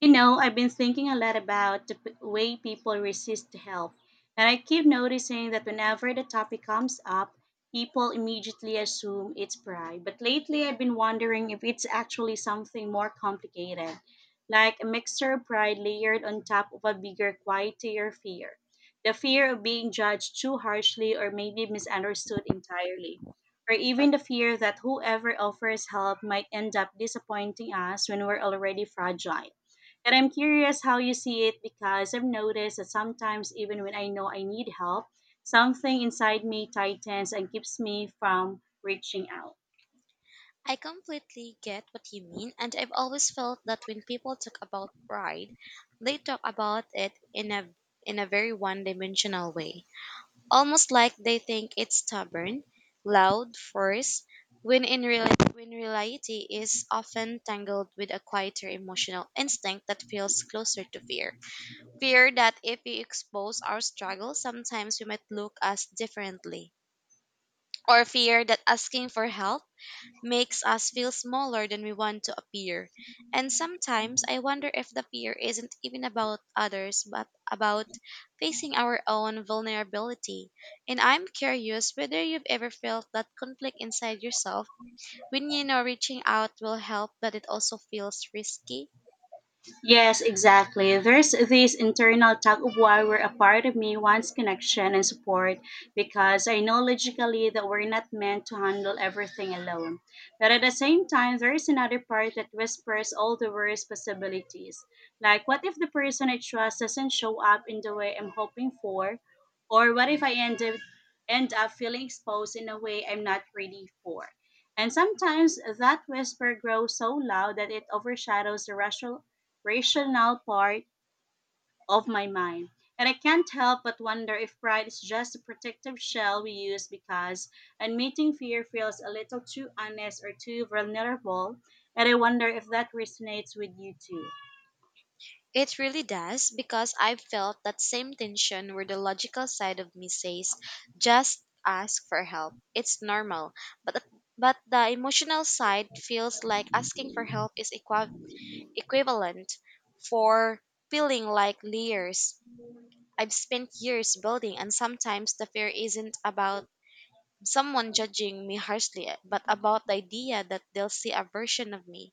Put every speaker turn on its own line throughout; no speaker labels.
You know, I've been thinking a lot about the way people resist help, and I keep noticing that whenever the topic comes up, people immediately assume it's pride. But lately, I've been wondering if it's actually something more complicated, like a mixture of pride layered on top of a bigger, quieter fear. The fear of being judged too harshly or maybe misunderstood entirely. Or even the fear that whoever offers help might end up disappointing us when we're already fragile. And I'm curious how you see it because I've noticed that sometimes, even when I know I need help, something inside me tightens and keeps me from reaching out.
I completely get what you mean, and I've always felt that when people talk about pride, they talk about it in a very one-dimensional way, almost like they think it's stubborn, loud, forced, when in real when reality is often tangled with a quieter emotional instinct that feels closer to fear. Fear that if we expose our struggle, sometimes we might look us differently, or fear that asking for help makes us feel smaller than we want to appear. And sometimes I wonder if the fear isn't even about others, but about facing our own vulnerability. And I'm curious whether you've ever felt that conflict inside yourself when you know reaching out will help, but it also feels risky.
Yes, exactly. There's this internal tug of war where a part of me wants connection and support because I know logically that we're not meant to handle everything alone. But at the same time, there is another part that whispers all the worst possibilities. Like, what if the person I trust doesn't show up in the way I'm hoping for? Or what if I end up feeling exposed in a way I'm not ready for? And sometimes that whisper grows so loud that it overshadows the rational part of my mind. And I can't help but wonder if pride is just a protective shell we use because admitting fear feels a little too honest or too vulnerable. And I wonder if that resonates with you too.
It really does, because I've felt that same tension where the logical side of me says just ask for help. It's normal. But but the emotional side feels like asking for help is equivalent for feeling like layers I've spent years building. And sometimes the fear isn't about someone judging me harshly, but about the idea that they'll see a version of me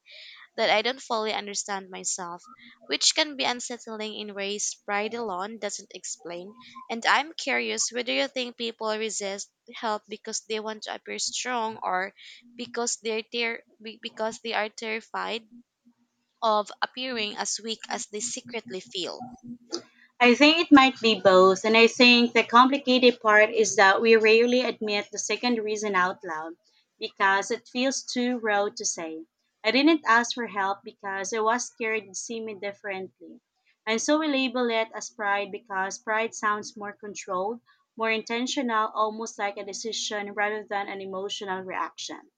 that I don't fully understand myself, which can be unsettling in ways pride alone doesn't explain. And I'm curious whether you think people resist help because they want to appear strong, or because they are terrified of appearing as weak as they secretly feel.
I think it might be both, and I think the complicated part is that we rarely admit the second reason out loud because it feels too raw to say. I didn't ask for help because I was scared you'd see me differently. And so we label it as pride because pride sounds more controlled, more intentional, almost like a decision rather than an emotional reaction.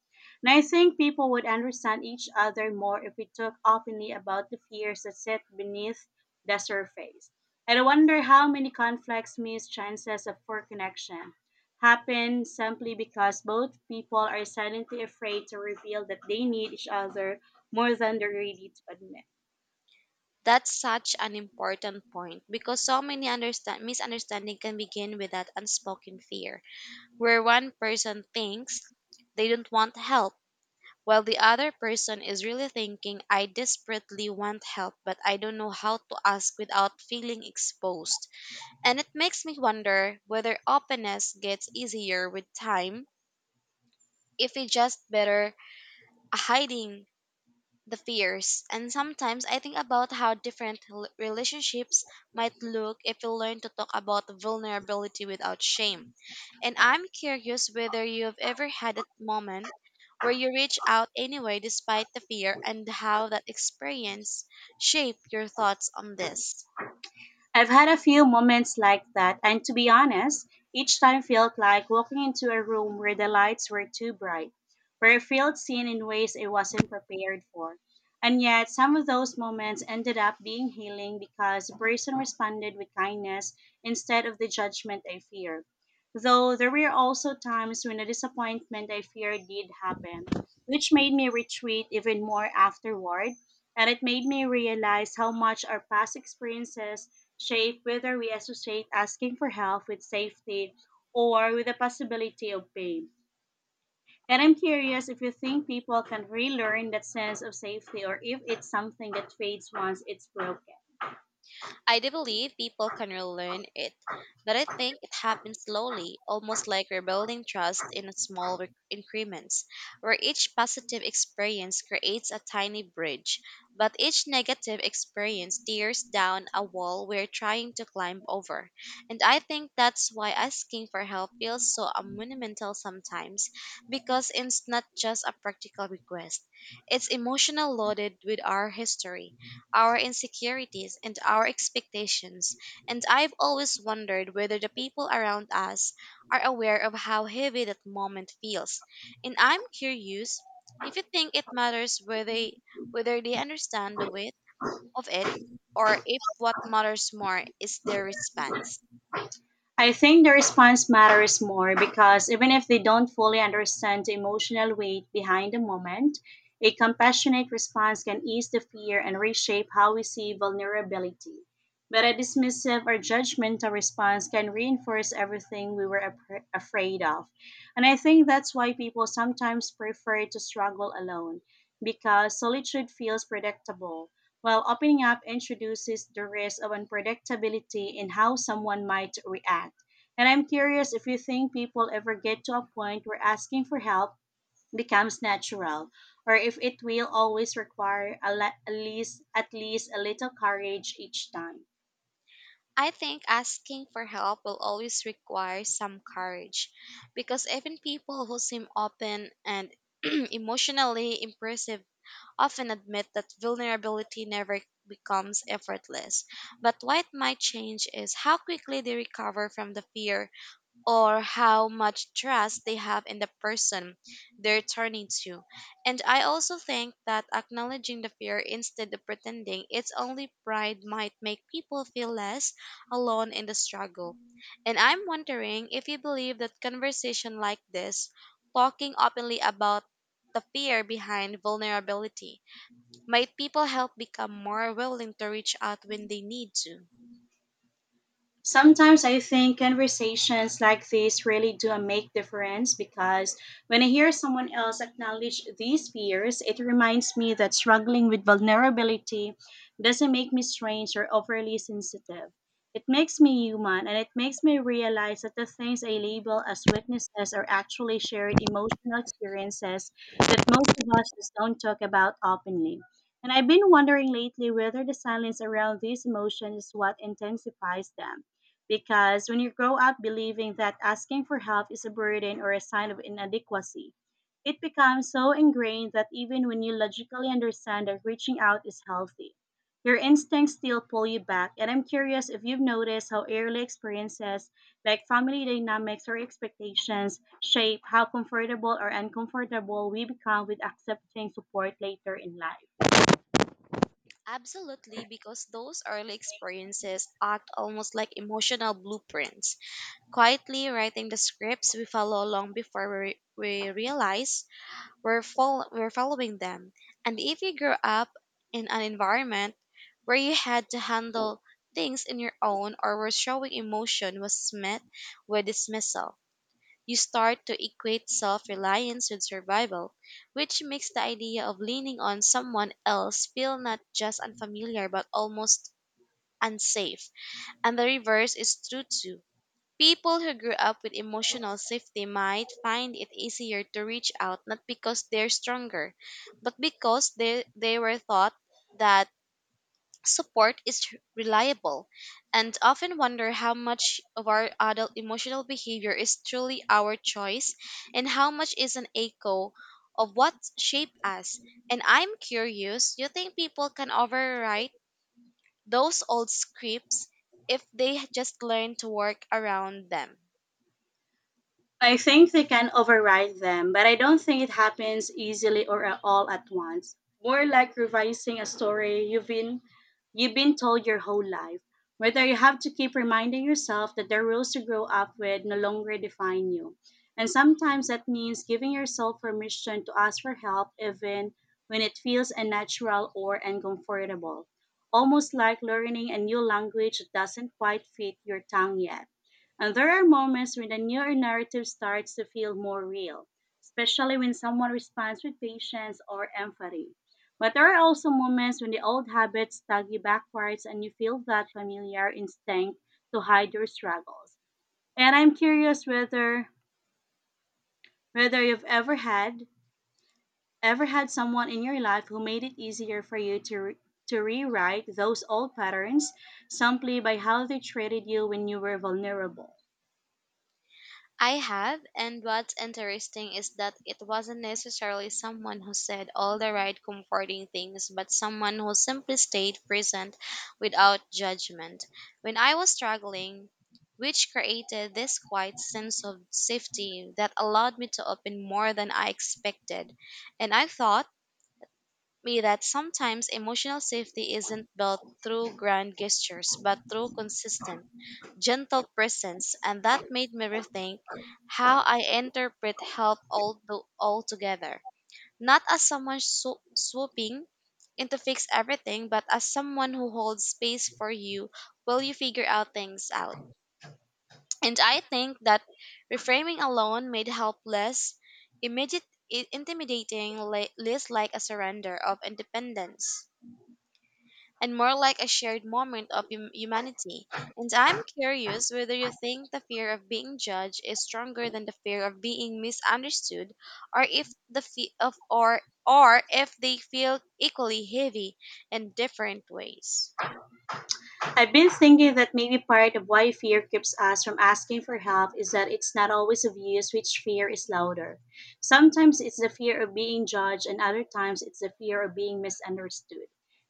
And I think people would understand each other more if we talked openly about the fears that sit beneath the surface, and I wonder how many conflicts miss chances of for connection happen simply because both people are silently afraid to reveal that they need each other more than they're ready to admit.
That's such an important point, because so many misunderstanding can begin with that unspoken fear, where one person thinks they don't want help, while the other person is really thinking, I desperately want help, but I don't know how to ask without feeling exposed. And it makes me wonder whether openness gets easier with time, if it's just better hiding the fears. And sometimes I think about how different relationships might look if we learn to talk about vulnerability without shame. And I'm curious whether you've ever had a moment where you reach out anyway despite the fear, and how that experience shaped your thoughts on this.
I've had a few moments like that, and to be honest, each time felt like walking into a room where the lights were too bright, where I felt seen in ways I wasn't prepared for. And yet, some of those moments ended up being healing because the person responded with kindness instead of the judgment I feared. Though there were also times when a disappointment I feared did happen, which made me retreat even more afterward, and it made me realize how much our past experiences shape whether we associate asking for help with safety or with the possibility of pain. And I'm curious if you think people can relearn that sense of safety or if it's something that fades once it's broken.
I do believe people can relearn it, but I think it happens slowly, almost like rebuilding trust in small increments, where each positive experience creates a tiny bridge, but each negative experience tears down a wall we're trying to climb over. And I think that's why asking for help feels so monumental sometimes, because it's not just a practical request, it's emotional, loaded with our history, our insecurities, and our expectations. And I've always wondered whether the people around us are aware of how heavy that moment feels. And I'm curious if you think it matters whether they understand the weight of it, or if what matters more is their response.
I think the response matters more because even if they don't fully understand the emotional weight behind the moment, a compassionate response can ease the fear and reshape how we see vulnerability. But a dismissive or judgmental response can reinforce everything we were afraid of. And I think that's why people sometimes prefer to struggle alone because solitude feels predictable while opening up introduces the risk of unpredictability in how someone might react. And I'm curious if you think people ever get to a point where asking for help becomes natural, or if it will always require a le- at least a little courage each time.
I think asking for help will always require some courage, because even people who seem open and emotionally impressive often admit that vulnerability never becomes effortless. But what might change is how quickly they recover from the fear, or how much trust they have in the person they're turning to. And I also think that acknowledging the fear instead of pretending it's only pride might make people feel less alone in the struggle. And I'm wondering if you believe that conversation like this, talking openly about the fear behind vulnerability, might people help become more willing to reach out when they need to?
Sometimes I think conversations like this really do make difference because when I hear someone else acknowledge these fears, it reminds me that struggling with vulnerability doesn't make me strange or overly sensitive. It makes me human, and it makes me realize that the things I label as weaknesses are actually shared emotional experiences that most of us just don't talk about openly. And I've been wondering lately whether the silence around these emotions is what intensifies them because when you grow up believing that asking for help is a burden or a sign of inadequacy, it becomes so ingrained that even when you logically understand that reaching out is healthy, your instincts still pull you back. And I'm curious if you've noticed how early experiences like family dynamics or expectations shape how comfortable or uncomfortable we become with accepting support later in life.
Absolutely, because those early experiences act almost like emotional blueprints, quietly writing the scripts we follow long before we realize we're following them. And if you grew up in an environment where you had to handle things in your own, or where showing emotion was met with dismissal, you start to equate self reliance with survival, which makes the idea of leaning on someone else feel not just unfamiliar, but almost unsafe. And the reverse is true too. People who grew up with emotional safety might find it easier to reach out, not because they're stronger, but because they were taught that support is reliable. And often wonder how much of our adult emotional behavior is truly our choice, and how much is an echo of what shaped us. And I'm curious, do you think people can overwrite those old scripts if they just learn to work around them?
I think they can override them, but I don't think it happens easily or at all at once. More like revising a story you've been told your whole life, whether you have to keep reminding yourself that the rules you grow up with no longer define you. And sometimes that means giving yourself permission to ask for help even when it feels unnatural or uncomfortable. Almost like learning a new language that doesn't quite fit your tongue yet. And there are moments when the newer narrative starts to feel more real, especially when someone responds with patience or empathy. But there are also moments when the old habits tug you backwards and you feel that familiar instinct to hide your struggles. And I'm curious whether you've ever had someone in your life who made it easier for you to to rewrite those old patterns simply by how they treated you when you were vulnerable.
I have, and what's interesting is that it wasn't necessarily someone who said all the right comforting things, but someone who simply stayed present without judgment when I was struggling, which created this quiet sense of safety that allowed me to open more than I expected. And I thought me that sometimes emotional safety isn't built through grand gestures, but through consistent gentle presence, and that made me rethink how I interpret help all altogether. Not as someone swooping in to fix everything, but as someone who holds space for you while you figure out things out. And I think that reframing alone made help less immediate, intimidating, less like a surrender of independence, and more like a shared moment of humanity. And I'm curious whether you think the fear of being judged is stronger than the fear of being misunderstood, or if the fe- of or if they feel equally heavy in different ways.
I've been thinking that maybe part of why fear keeps us from asking for help is that it's not always obvious which fear is louder. Sometimes it's the fear of being judged, and other times it's the fear of being misunderstood.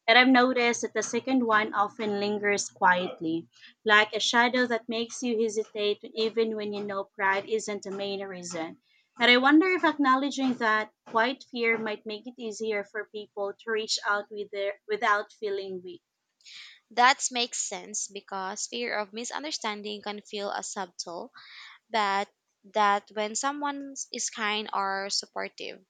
And I've noticed that the second one often lingers quietly, like a shadow that makes you hesitate even when you know pride isn't the main reason. And I wonder if acknowledging that quiet fear might make it easier for people to reach out with without feeling weak.
That makes sense, because fear of misunderstanding can feel as subtle, but that when someone is kind or supportive,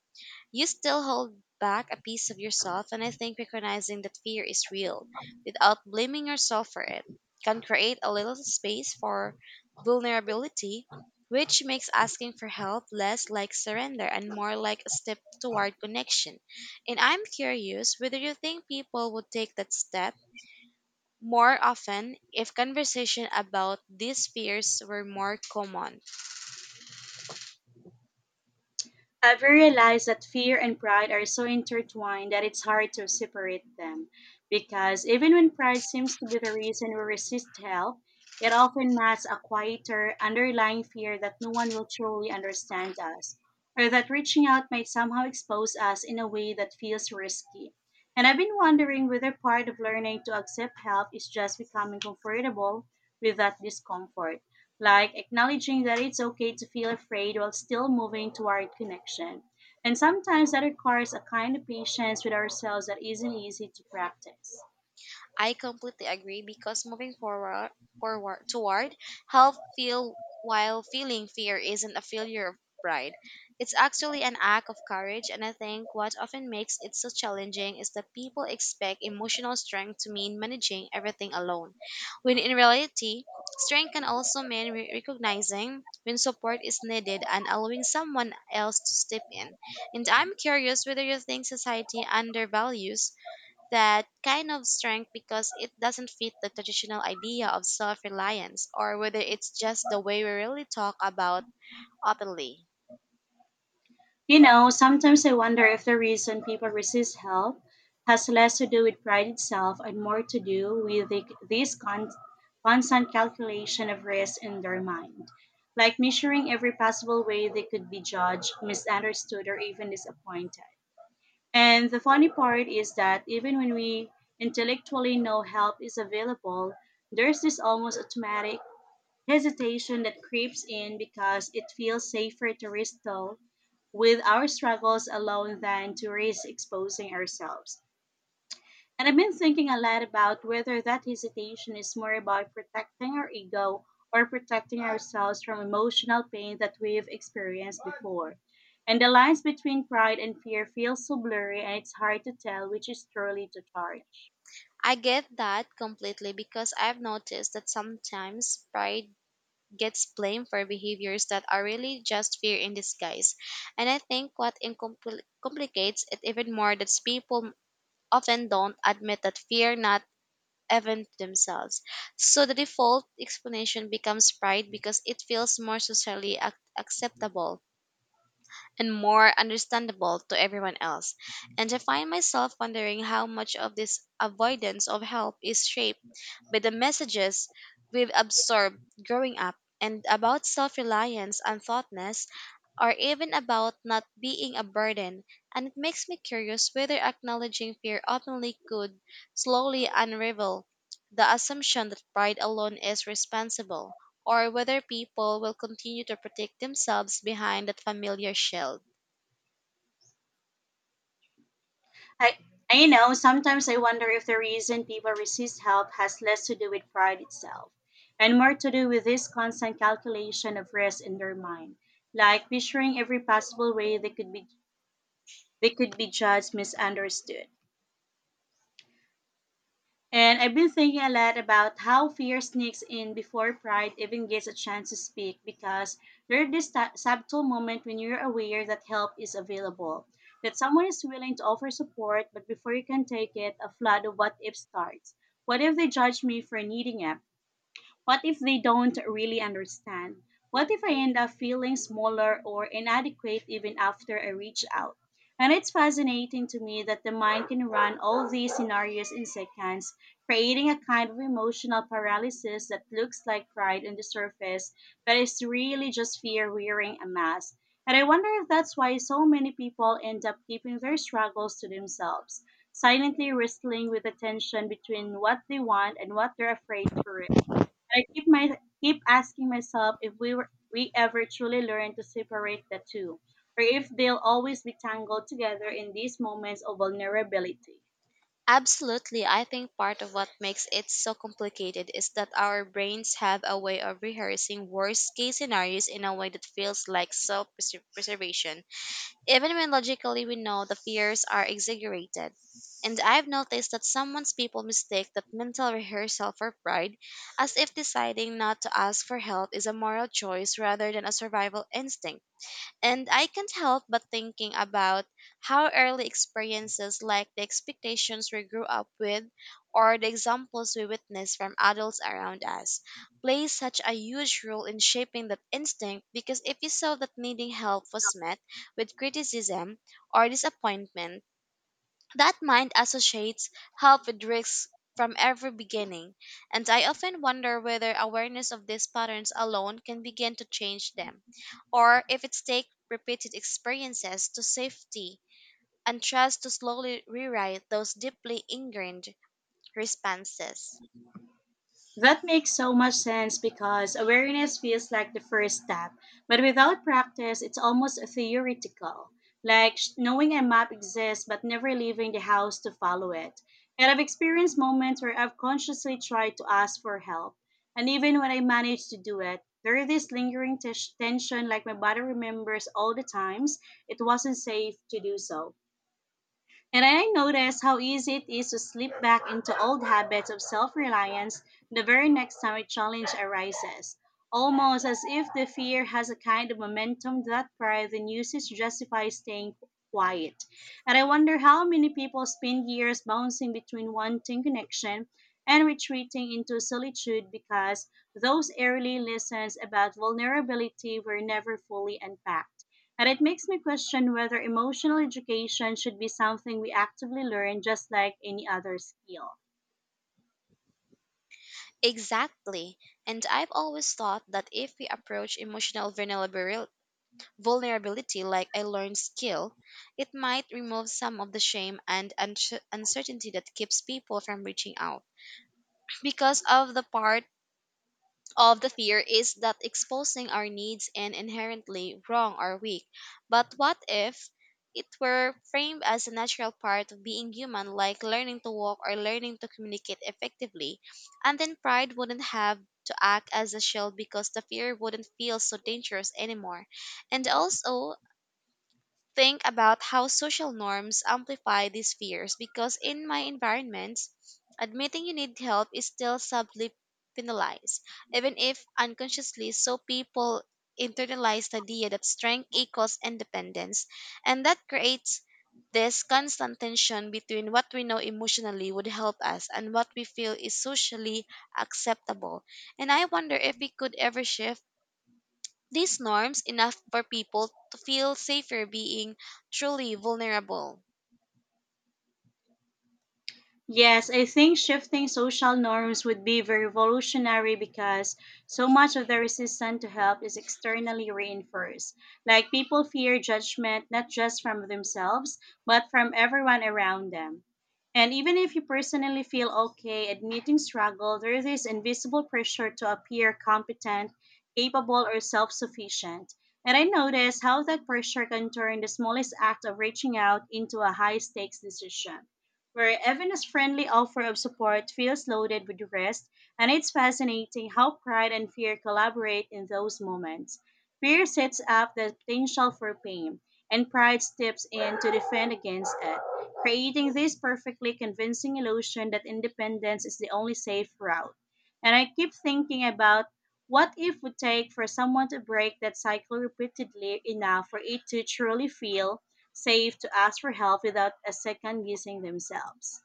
you still hold back a piece of yourself, and I think recognizing that fear is real without blaming yourself for it can create a little space for vulnerability, which makes asking for help less like surrender and more like a step toward connection. And I'm curious whether you think people would take that step more often if conversation about these fears were more common.
I've realized that fear and pride are so intertwined that it's hard to separate them. Because even when pride seems to be the reason we resist help, it often masks a quieter, underlying fear that no one will truly understand us, or that reaching out might somehow expose us in a way that feels risky. And I've been wondering whether part of learning to accept help is just becoming comfortable with that discomfort, like acknowledging that it's okay to feel afraid while still moving toward connection. And sometimes that requires a kind of patience with ourselves that isn't easy to practice.
I completely agree, because moving forward toward health feel while feeling fear isn't a failure of pride. It's actually an act of courage, and I think what often makes it so challenging is that people expect emotional strength to mean managing everything alone. When in reality, strength can also mean recognizing when support is needed and allowing someone else to step in. And I'm curious whether you think society undervalues that kind of strength because it doesn't fit the traditional idea of self reliance, or whether it's just the way we really talk about openly.
You know, sometimes I wonder if the reason people resist help has less to do with pride itself and more to do with this con- constant calculation of risk in their mind, like measuring every possible way they could be judged, misunderstood, or even disappointed. And the funny part is that even when we intellectually know help is available, there's this almost automatic hesitation that creeps in because it feels safer to risk though with our struggles alone than to risk exposing ourselves. And I've been thinking a lot about whether that hesitation is more about protecting our ego or protecting ourselves from emotional pain that we've experienced before. And the lines between pride and fear feel so blurry, and it's hard to tell which is truly to charge.
I get that completely, because I've noticed that sometimes pride gets blamed for behaviors that are really just fear in disguise. And I think what complicates it even more that people often don't admit that fear not event themselves. So the default explanation becomes pride, because it feels more socially acceptable and more understandable to everyone else. And I find myself wondering how much of this avoidance of help is shaped by the messages we've absorbed growing up, and about self reliance and thoughtless, or even about not being a burden. And it makes me curious whether acknowledging fear openly could slowly unravel the assumption that pride alone is responsible, or whether people will continue to protect themselves behind that familiar shield.
I, Sometimes I wonder if the reason people resist help has less to do with pride itself and more to do with this constant calculation of risk in their mind, like picturing every possible way they could be judged, misunderstood. And I've been thinking a lot about how fear sneaks in before pride even gets a chance to speak because there's this subtle moment when you're aware that help is available, that someone is willing to offer support, but before you can take it, a flood of what if starts. What if they judge me for needing it? What if they don't really understand? What if I end up feeling smaller or inadequate even after I reach out? And it's fascinating to me that the mind can run all these scenarios in seconds, creating a kind of emotional paralysis that looks like pride on the surface, but is really just fear wearing a mask. And I wonder if that's why so many people end up keeping their struggles to themselves, silently wrestling with the tension between what they want and what they're afraid to risk. I keep my Keep asking myself if we ever truly learn to separate the two, or if they'll always be tangled together in these moments of vulnerability.
Absolutely. I think part of what makes it so complicated is that our brains have a way of rehearsing worst case scenarios in a way that feels like self preservation, even when logically we know the fears are exaggerated. And I've noticed that someone's people mistake that mental rehearsal for pride, as if deciding not to ask for help is a moral choice rather than a survival instinct. And I can't help but thinking about how early experiences, like the expectations we grew up with or the examples we witness from adults around us, play such a huge role in shaping that instinct. Because if you saw that needing help was met with criticism or disappointment, that mind associates help with risks from every beginning, and I often wonder whether awareness of these patterns alone can begin to change them, or if it takes repeated experiences to safety and trust to slowly rewrite those deeply ingrained responses.
That makes so much sense because awareness feels like the first step, but without practice, it's almost theoretical. Like knowing a map exists but never leaving the house to follow it. And I've experienced moments where I've consciously tried to ask for help, and even when I manage to do it, there is this lingering tension, like my body remembers all the times it wasn't safe to do so. And I notice how easy it is to slip back into old habits of self reliance the very next time a challenge arises, almost as if the fear has a kind of momentum that prior than usage justifies staying quiet. And I wonder how many people spend years bouncing between wanting connection and retreating into solitude because those early lessons about vulnerability were never fully unpacked. And it makes me question whether emotional education should be something we actively learn, just like any other skill.
Exactly, and I've always thought that if we approach emotional vulnerability like a learned skill, it might remove some of the shame and uncertainty that keeps people from reaching out. Because of the part of the fear is that exposing our needs and inherently wrong or weak. But what if it were framed as a natural part of being human, like learning to walk or learning to communicate effectively? And then pride wouldn't have to act as a shield, because the fear wouldn't feel so dangerous anymore. And also, think about how social norms amplify these fears, because in my environments, admitting you need help is still subtly penalized, even if unconsciously. So people internalize the idea that strength equals independence, and that creates this constant tension between what we know emotionally would help us and what we feel is socially acceptable. And I wonder if we could ever shift these norms enough for people to feel safer being truly vulnerable.
Yes, I think shifting social norms would be very revolutionary because so much of the resistance to help is externally reinforced. Like, people fear judgment not just from themselves, but from everyone around them. And even if you personally feel okay admitting struggle, there is this invisible pressure to appear competent, capable, or self sufficient. And I notice how that pressure can turn the smallest act of reaching out into a high stakes decision, where Evan's friendly offer of support feels loaded with risk, and it's fascinating how pride and fear collaborate in those moments. Fear sets up the potential for pain, and pride steps in to defend against it, creating this perfectly convincing illusion that independence is the only safe route. And I keep thinking about what if would take for someone to break that cycle repeatedly enough for it to truly feel safe to ask for help without a second guessing themselves.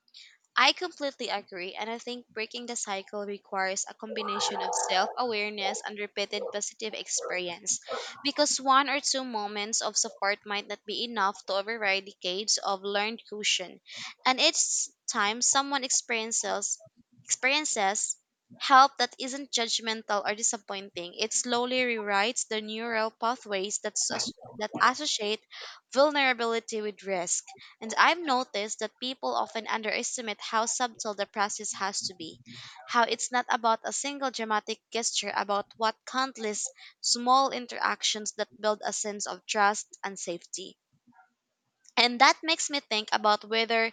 I completely agree, and I think breaking the cycle requires a combination of self awareness and repeated positive experience. Because one or two moments of support might not be enough to override decades of learned caution. And each time someone experiences help that isn't judgmental or disappointing, it slowly rewrites the neural pathways that associate vulnerability with risk. And I've noticed that people often underestimate how subtle the process has to be, how it's not about a single dramatic gesture, about what countless small interactions that build a sense of trust and safety. And that makes me think about whether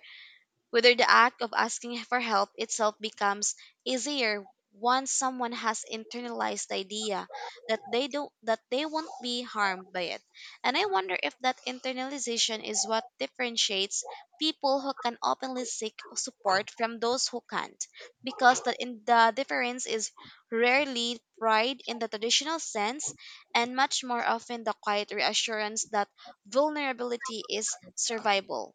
whether the act of asking for help itself becomes easier once someone has internalized the idea that they don't that they won't be harmed by it. And I wonder if that internalization is what differentiates people who can openly seek support from those who can't. Because the difference is rarely pride in the traditional sense, and much more often the quiet reassurance that vulnerability is survivable.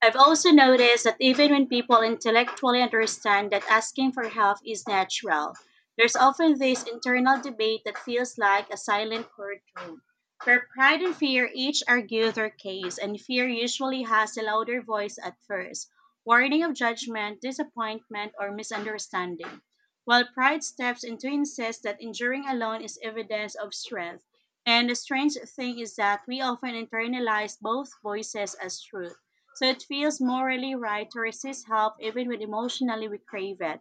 I've also noticed that even when people intellectually understand that asking for help is natural, there's often this internal debate that feels like a silent courtroom, where pride and fear each argue their case, and fear usually has a louder voice at first, warning of judgment, disappointment, or misunderstanding, while pride steps in to insist that enduring alone is evidence of strength. And the strange thing is that we often internalize both voices as truth, so it feels morally right to resist help even when emotionally we crave it.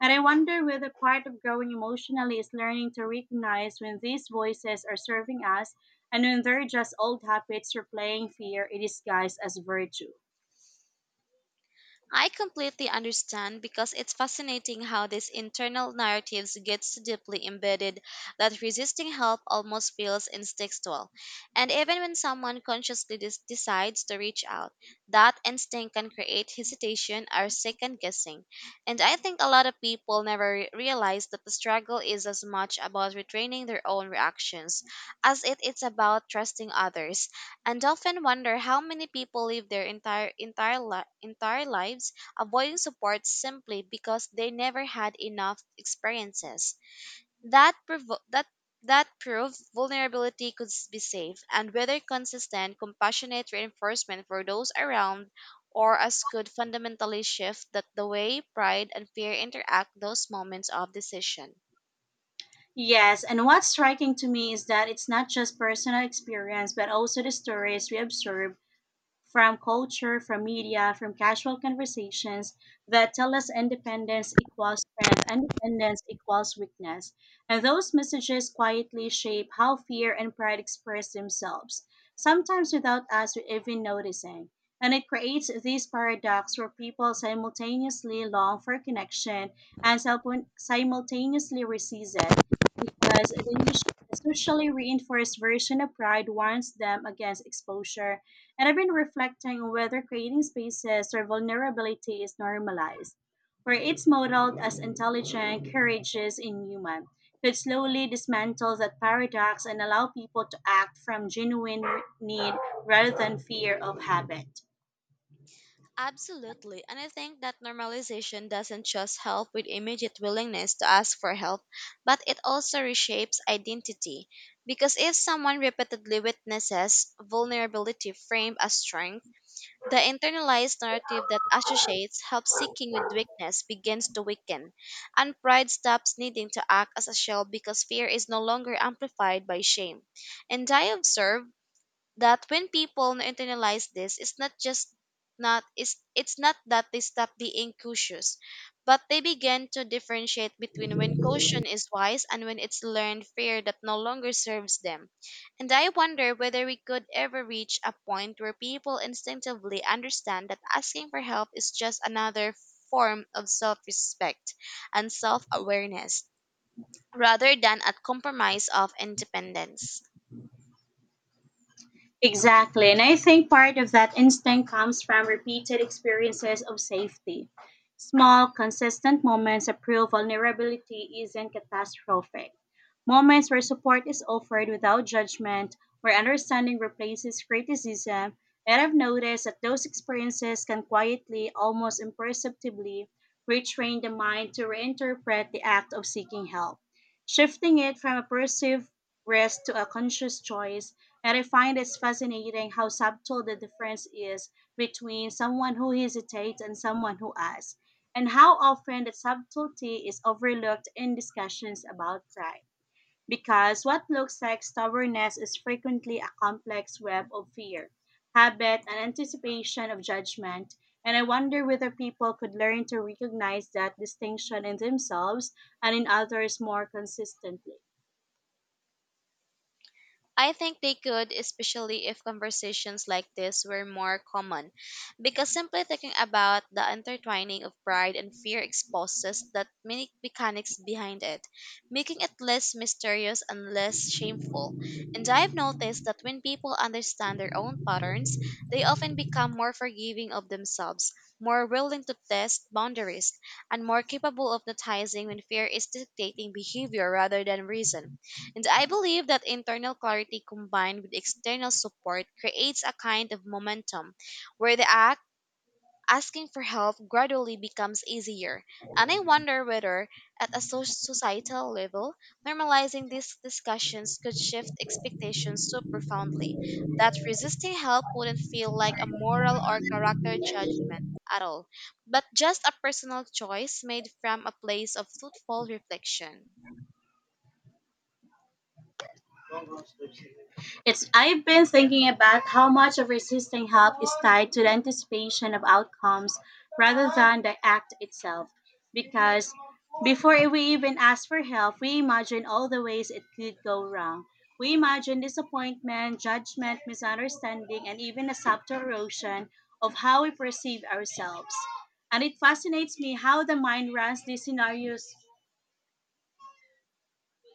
And I wonder whether part of growing emotionally is learning to recognize when these voices are serving us and when they're just old habits replaying fear in disguise as virtue.
I completely understand, because it's fascinating how these internal narratives get so deeply embedded that resisting help almost feels instinctual. And even when someone consciously decides to reach out, that instinct can create hesitation or second guessing. And I think a lot of people never realize that the struggle is as much about retraining their own reactions as it is about trusting others, and often wonder how many people live their entire lives avoiding support simply because they never had enough experiences that prove vulnerability could be safe, and whether consistent compassionate reinforcement for those around or us could fundamentally shift that the way pride and fear interact those moments of decision.
Yes, and what's striking to me is that it's not just personal experience, but also the stories we observe from culture, from media, from casual conversations, that tell us independence equals strength, independence equals weakness. And those messages quietly shape how fear and pride express themselves, sometimes without us even noticing. And it creates this paradox where people simultaneously long for connection and simultaneously resist it, because the socially reinforced version of pride warns them against exposure. And I've been reflecting on whether creating spaces where vulnerability is normalized, where it's modeled as intelligent, courageous, and human, could slowly dismantle that paradox and allow people to act from genuine need rather than fear of habit.
Absolutely. And I think that normalization doesn't just help with immediate willingness to ask for help, but it also reshapes identity. Because if someone repeatedly witnesses vulnerability framed as strength, the internalized narrative that associates help seeking with weakness begins to weaken, and pride stops needing to act as a shield because fear is no longer amplified by shame. And I observe that when people internalize this, it's not just not it's it's not that they stop being cautious, but they begin to differentiate between when caution is wise and when it's learned fear that no longer serves them. And I wonder whether we could ever reach a point where people instinctively understand that asking for help is just another form of self-respect and self-awareness rather than a compromise of independence.
Exactly. And I think part of that instinct comes from repeated experiences of safety. Small, consistent moments of real vulnerability isn't catastrophic. Moments where support is offered without judgment, where understanding replaces criticism. And I've noticed that those experiences can quietly, almost imperceptibly, retrain the mind to reinterpret the act of seeking help, shifting it from a perceived risk to a conscious choice. And I find it's fascinating how subtle the difference is between someone who hesitates and someone who asks, and how often the subtlety is overlooked in discussions about pride. Because what looks like stubbornness is frequently a complex web of fear, habit, and anticipation of judgment. And I wonder whether people could learn to recognize that distinction in themselves and in others more consistently.
I think they could, especially if conversations like this were more common, because simply thinking about the intertwining of pride and fear exposes the many mechanics behind it, making it less mysterious and less shameful. And I've noticed that when people understand their own patterns, they often become more forgiving of themselves, more willing to test boundaries, and more capable of noticing when fear is dictating behavior rather than reason. And I believe that internal clarity combined with external support creates a kind of momentum where the act asking for help gradually becomes easier. And I wonder whether, at a societal level, normalizing these discussions could shift expectations so profoundly that resisting help wouldn't feel like a moral or character judgment at all, but just a personal choice made from a place of thoughtful reflection.
It's, I've been thinking about how much of resisting help is tied to the anticipation of outcomes rather than the act itself. Because before we even ask for help, we imagine all the ways it could go wrong. We imagine disappointment, judgment, misunderstanding, and even a subtle erosion of how we perceive ourselves. And it fascinates me how the mind runs these scenarios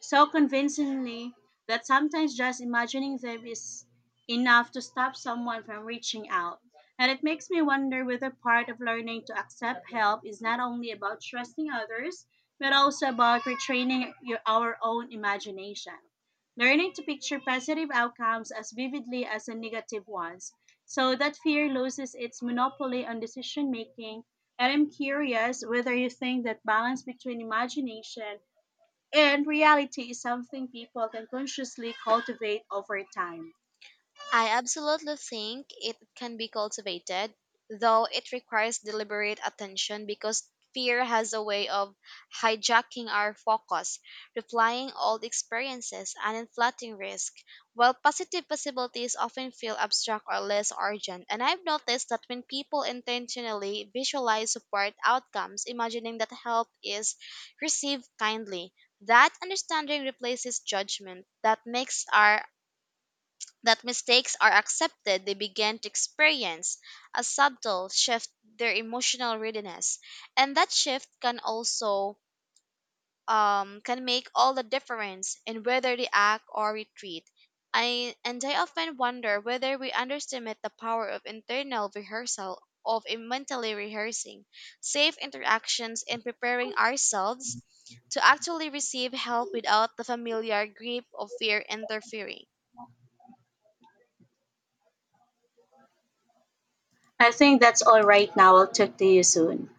so convincingly that sometimes just imagining them is enough to stop someone from reaching out. And it makes me wonder whether part of learning to accept help is not only about trusting others, but also about retraining your, our own imagination. Learning to picture positive outcomes as vividly as the negative ones, so that fear loses its monopoly on decision making. And I'm curious whether you think that balance between imagination and reality is something people can consciously cultivate over time.
I absolutely think it can be cultivated, though it requires deliberate attention because fear has a way of hijacking our focus, replying old experiences, and inflating risk, while positive possibilities often feel abstract or less urgent. And I've noticed that when people intentionally visualize support outcomes, imagining that help is received kindly, that understanding replaces judgment, that makes our that mistakes are accepted, they begin to experience a subtle shift their emotional readiness, and that shift can also can make all the difference in whether they act or retreat. I and I often wonder whether we underestimate the power of internal rehearsal, of mentally rehearsing safe interactions and preparing ourselves to actually receive help without the familiar grip of fear interfering.
I think that's all right now. I'll talk to you soon.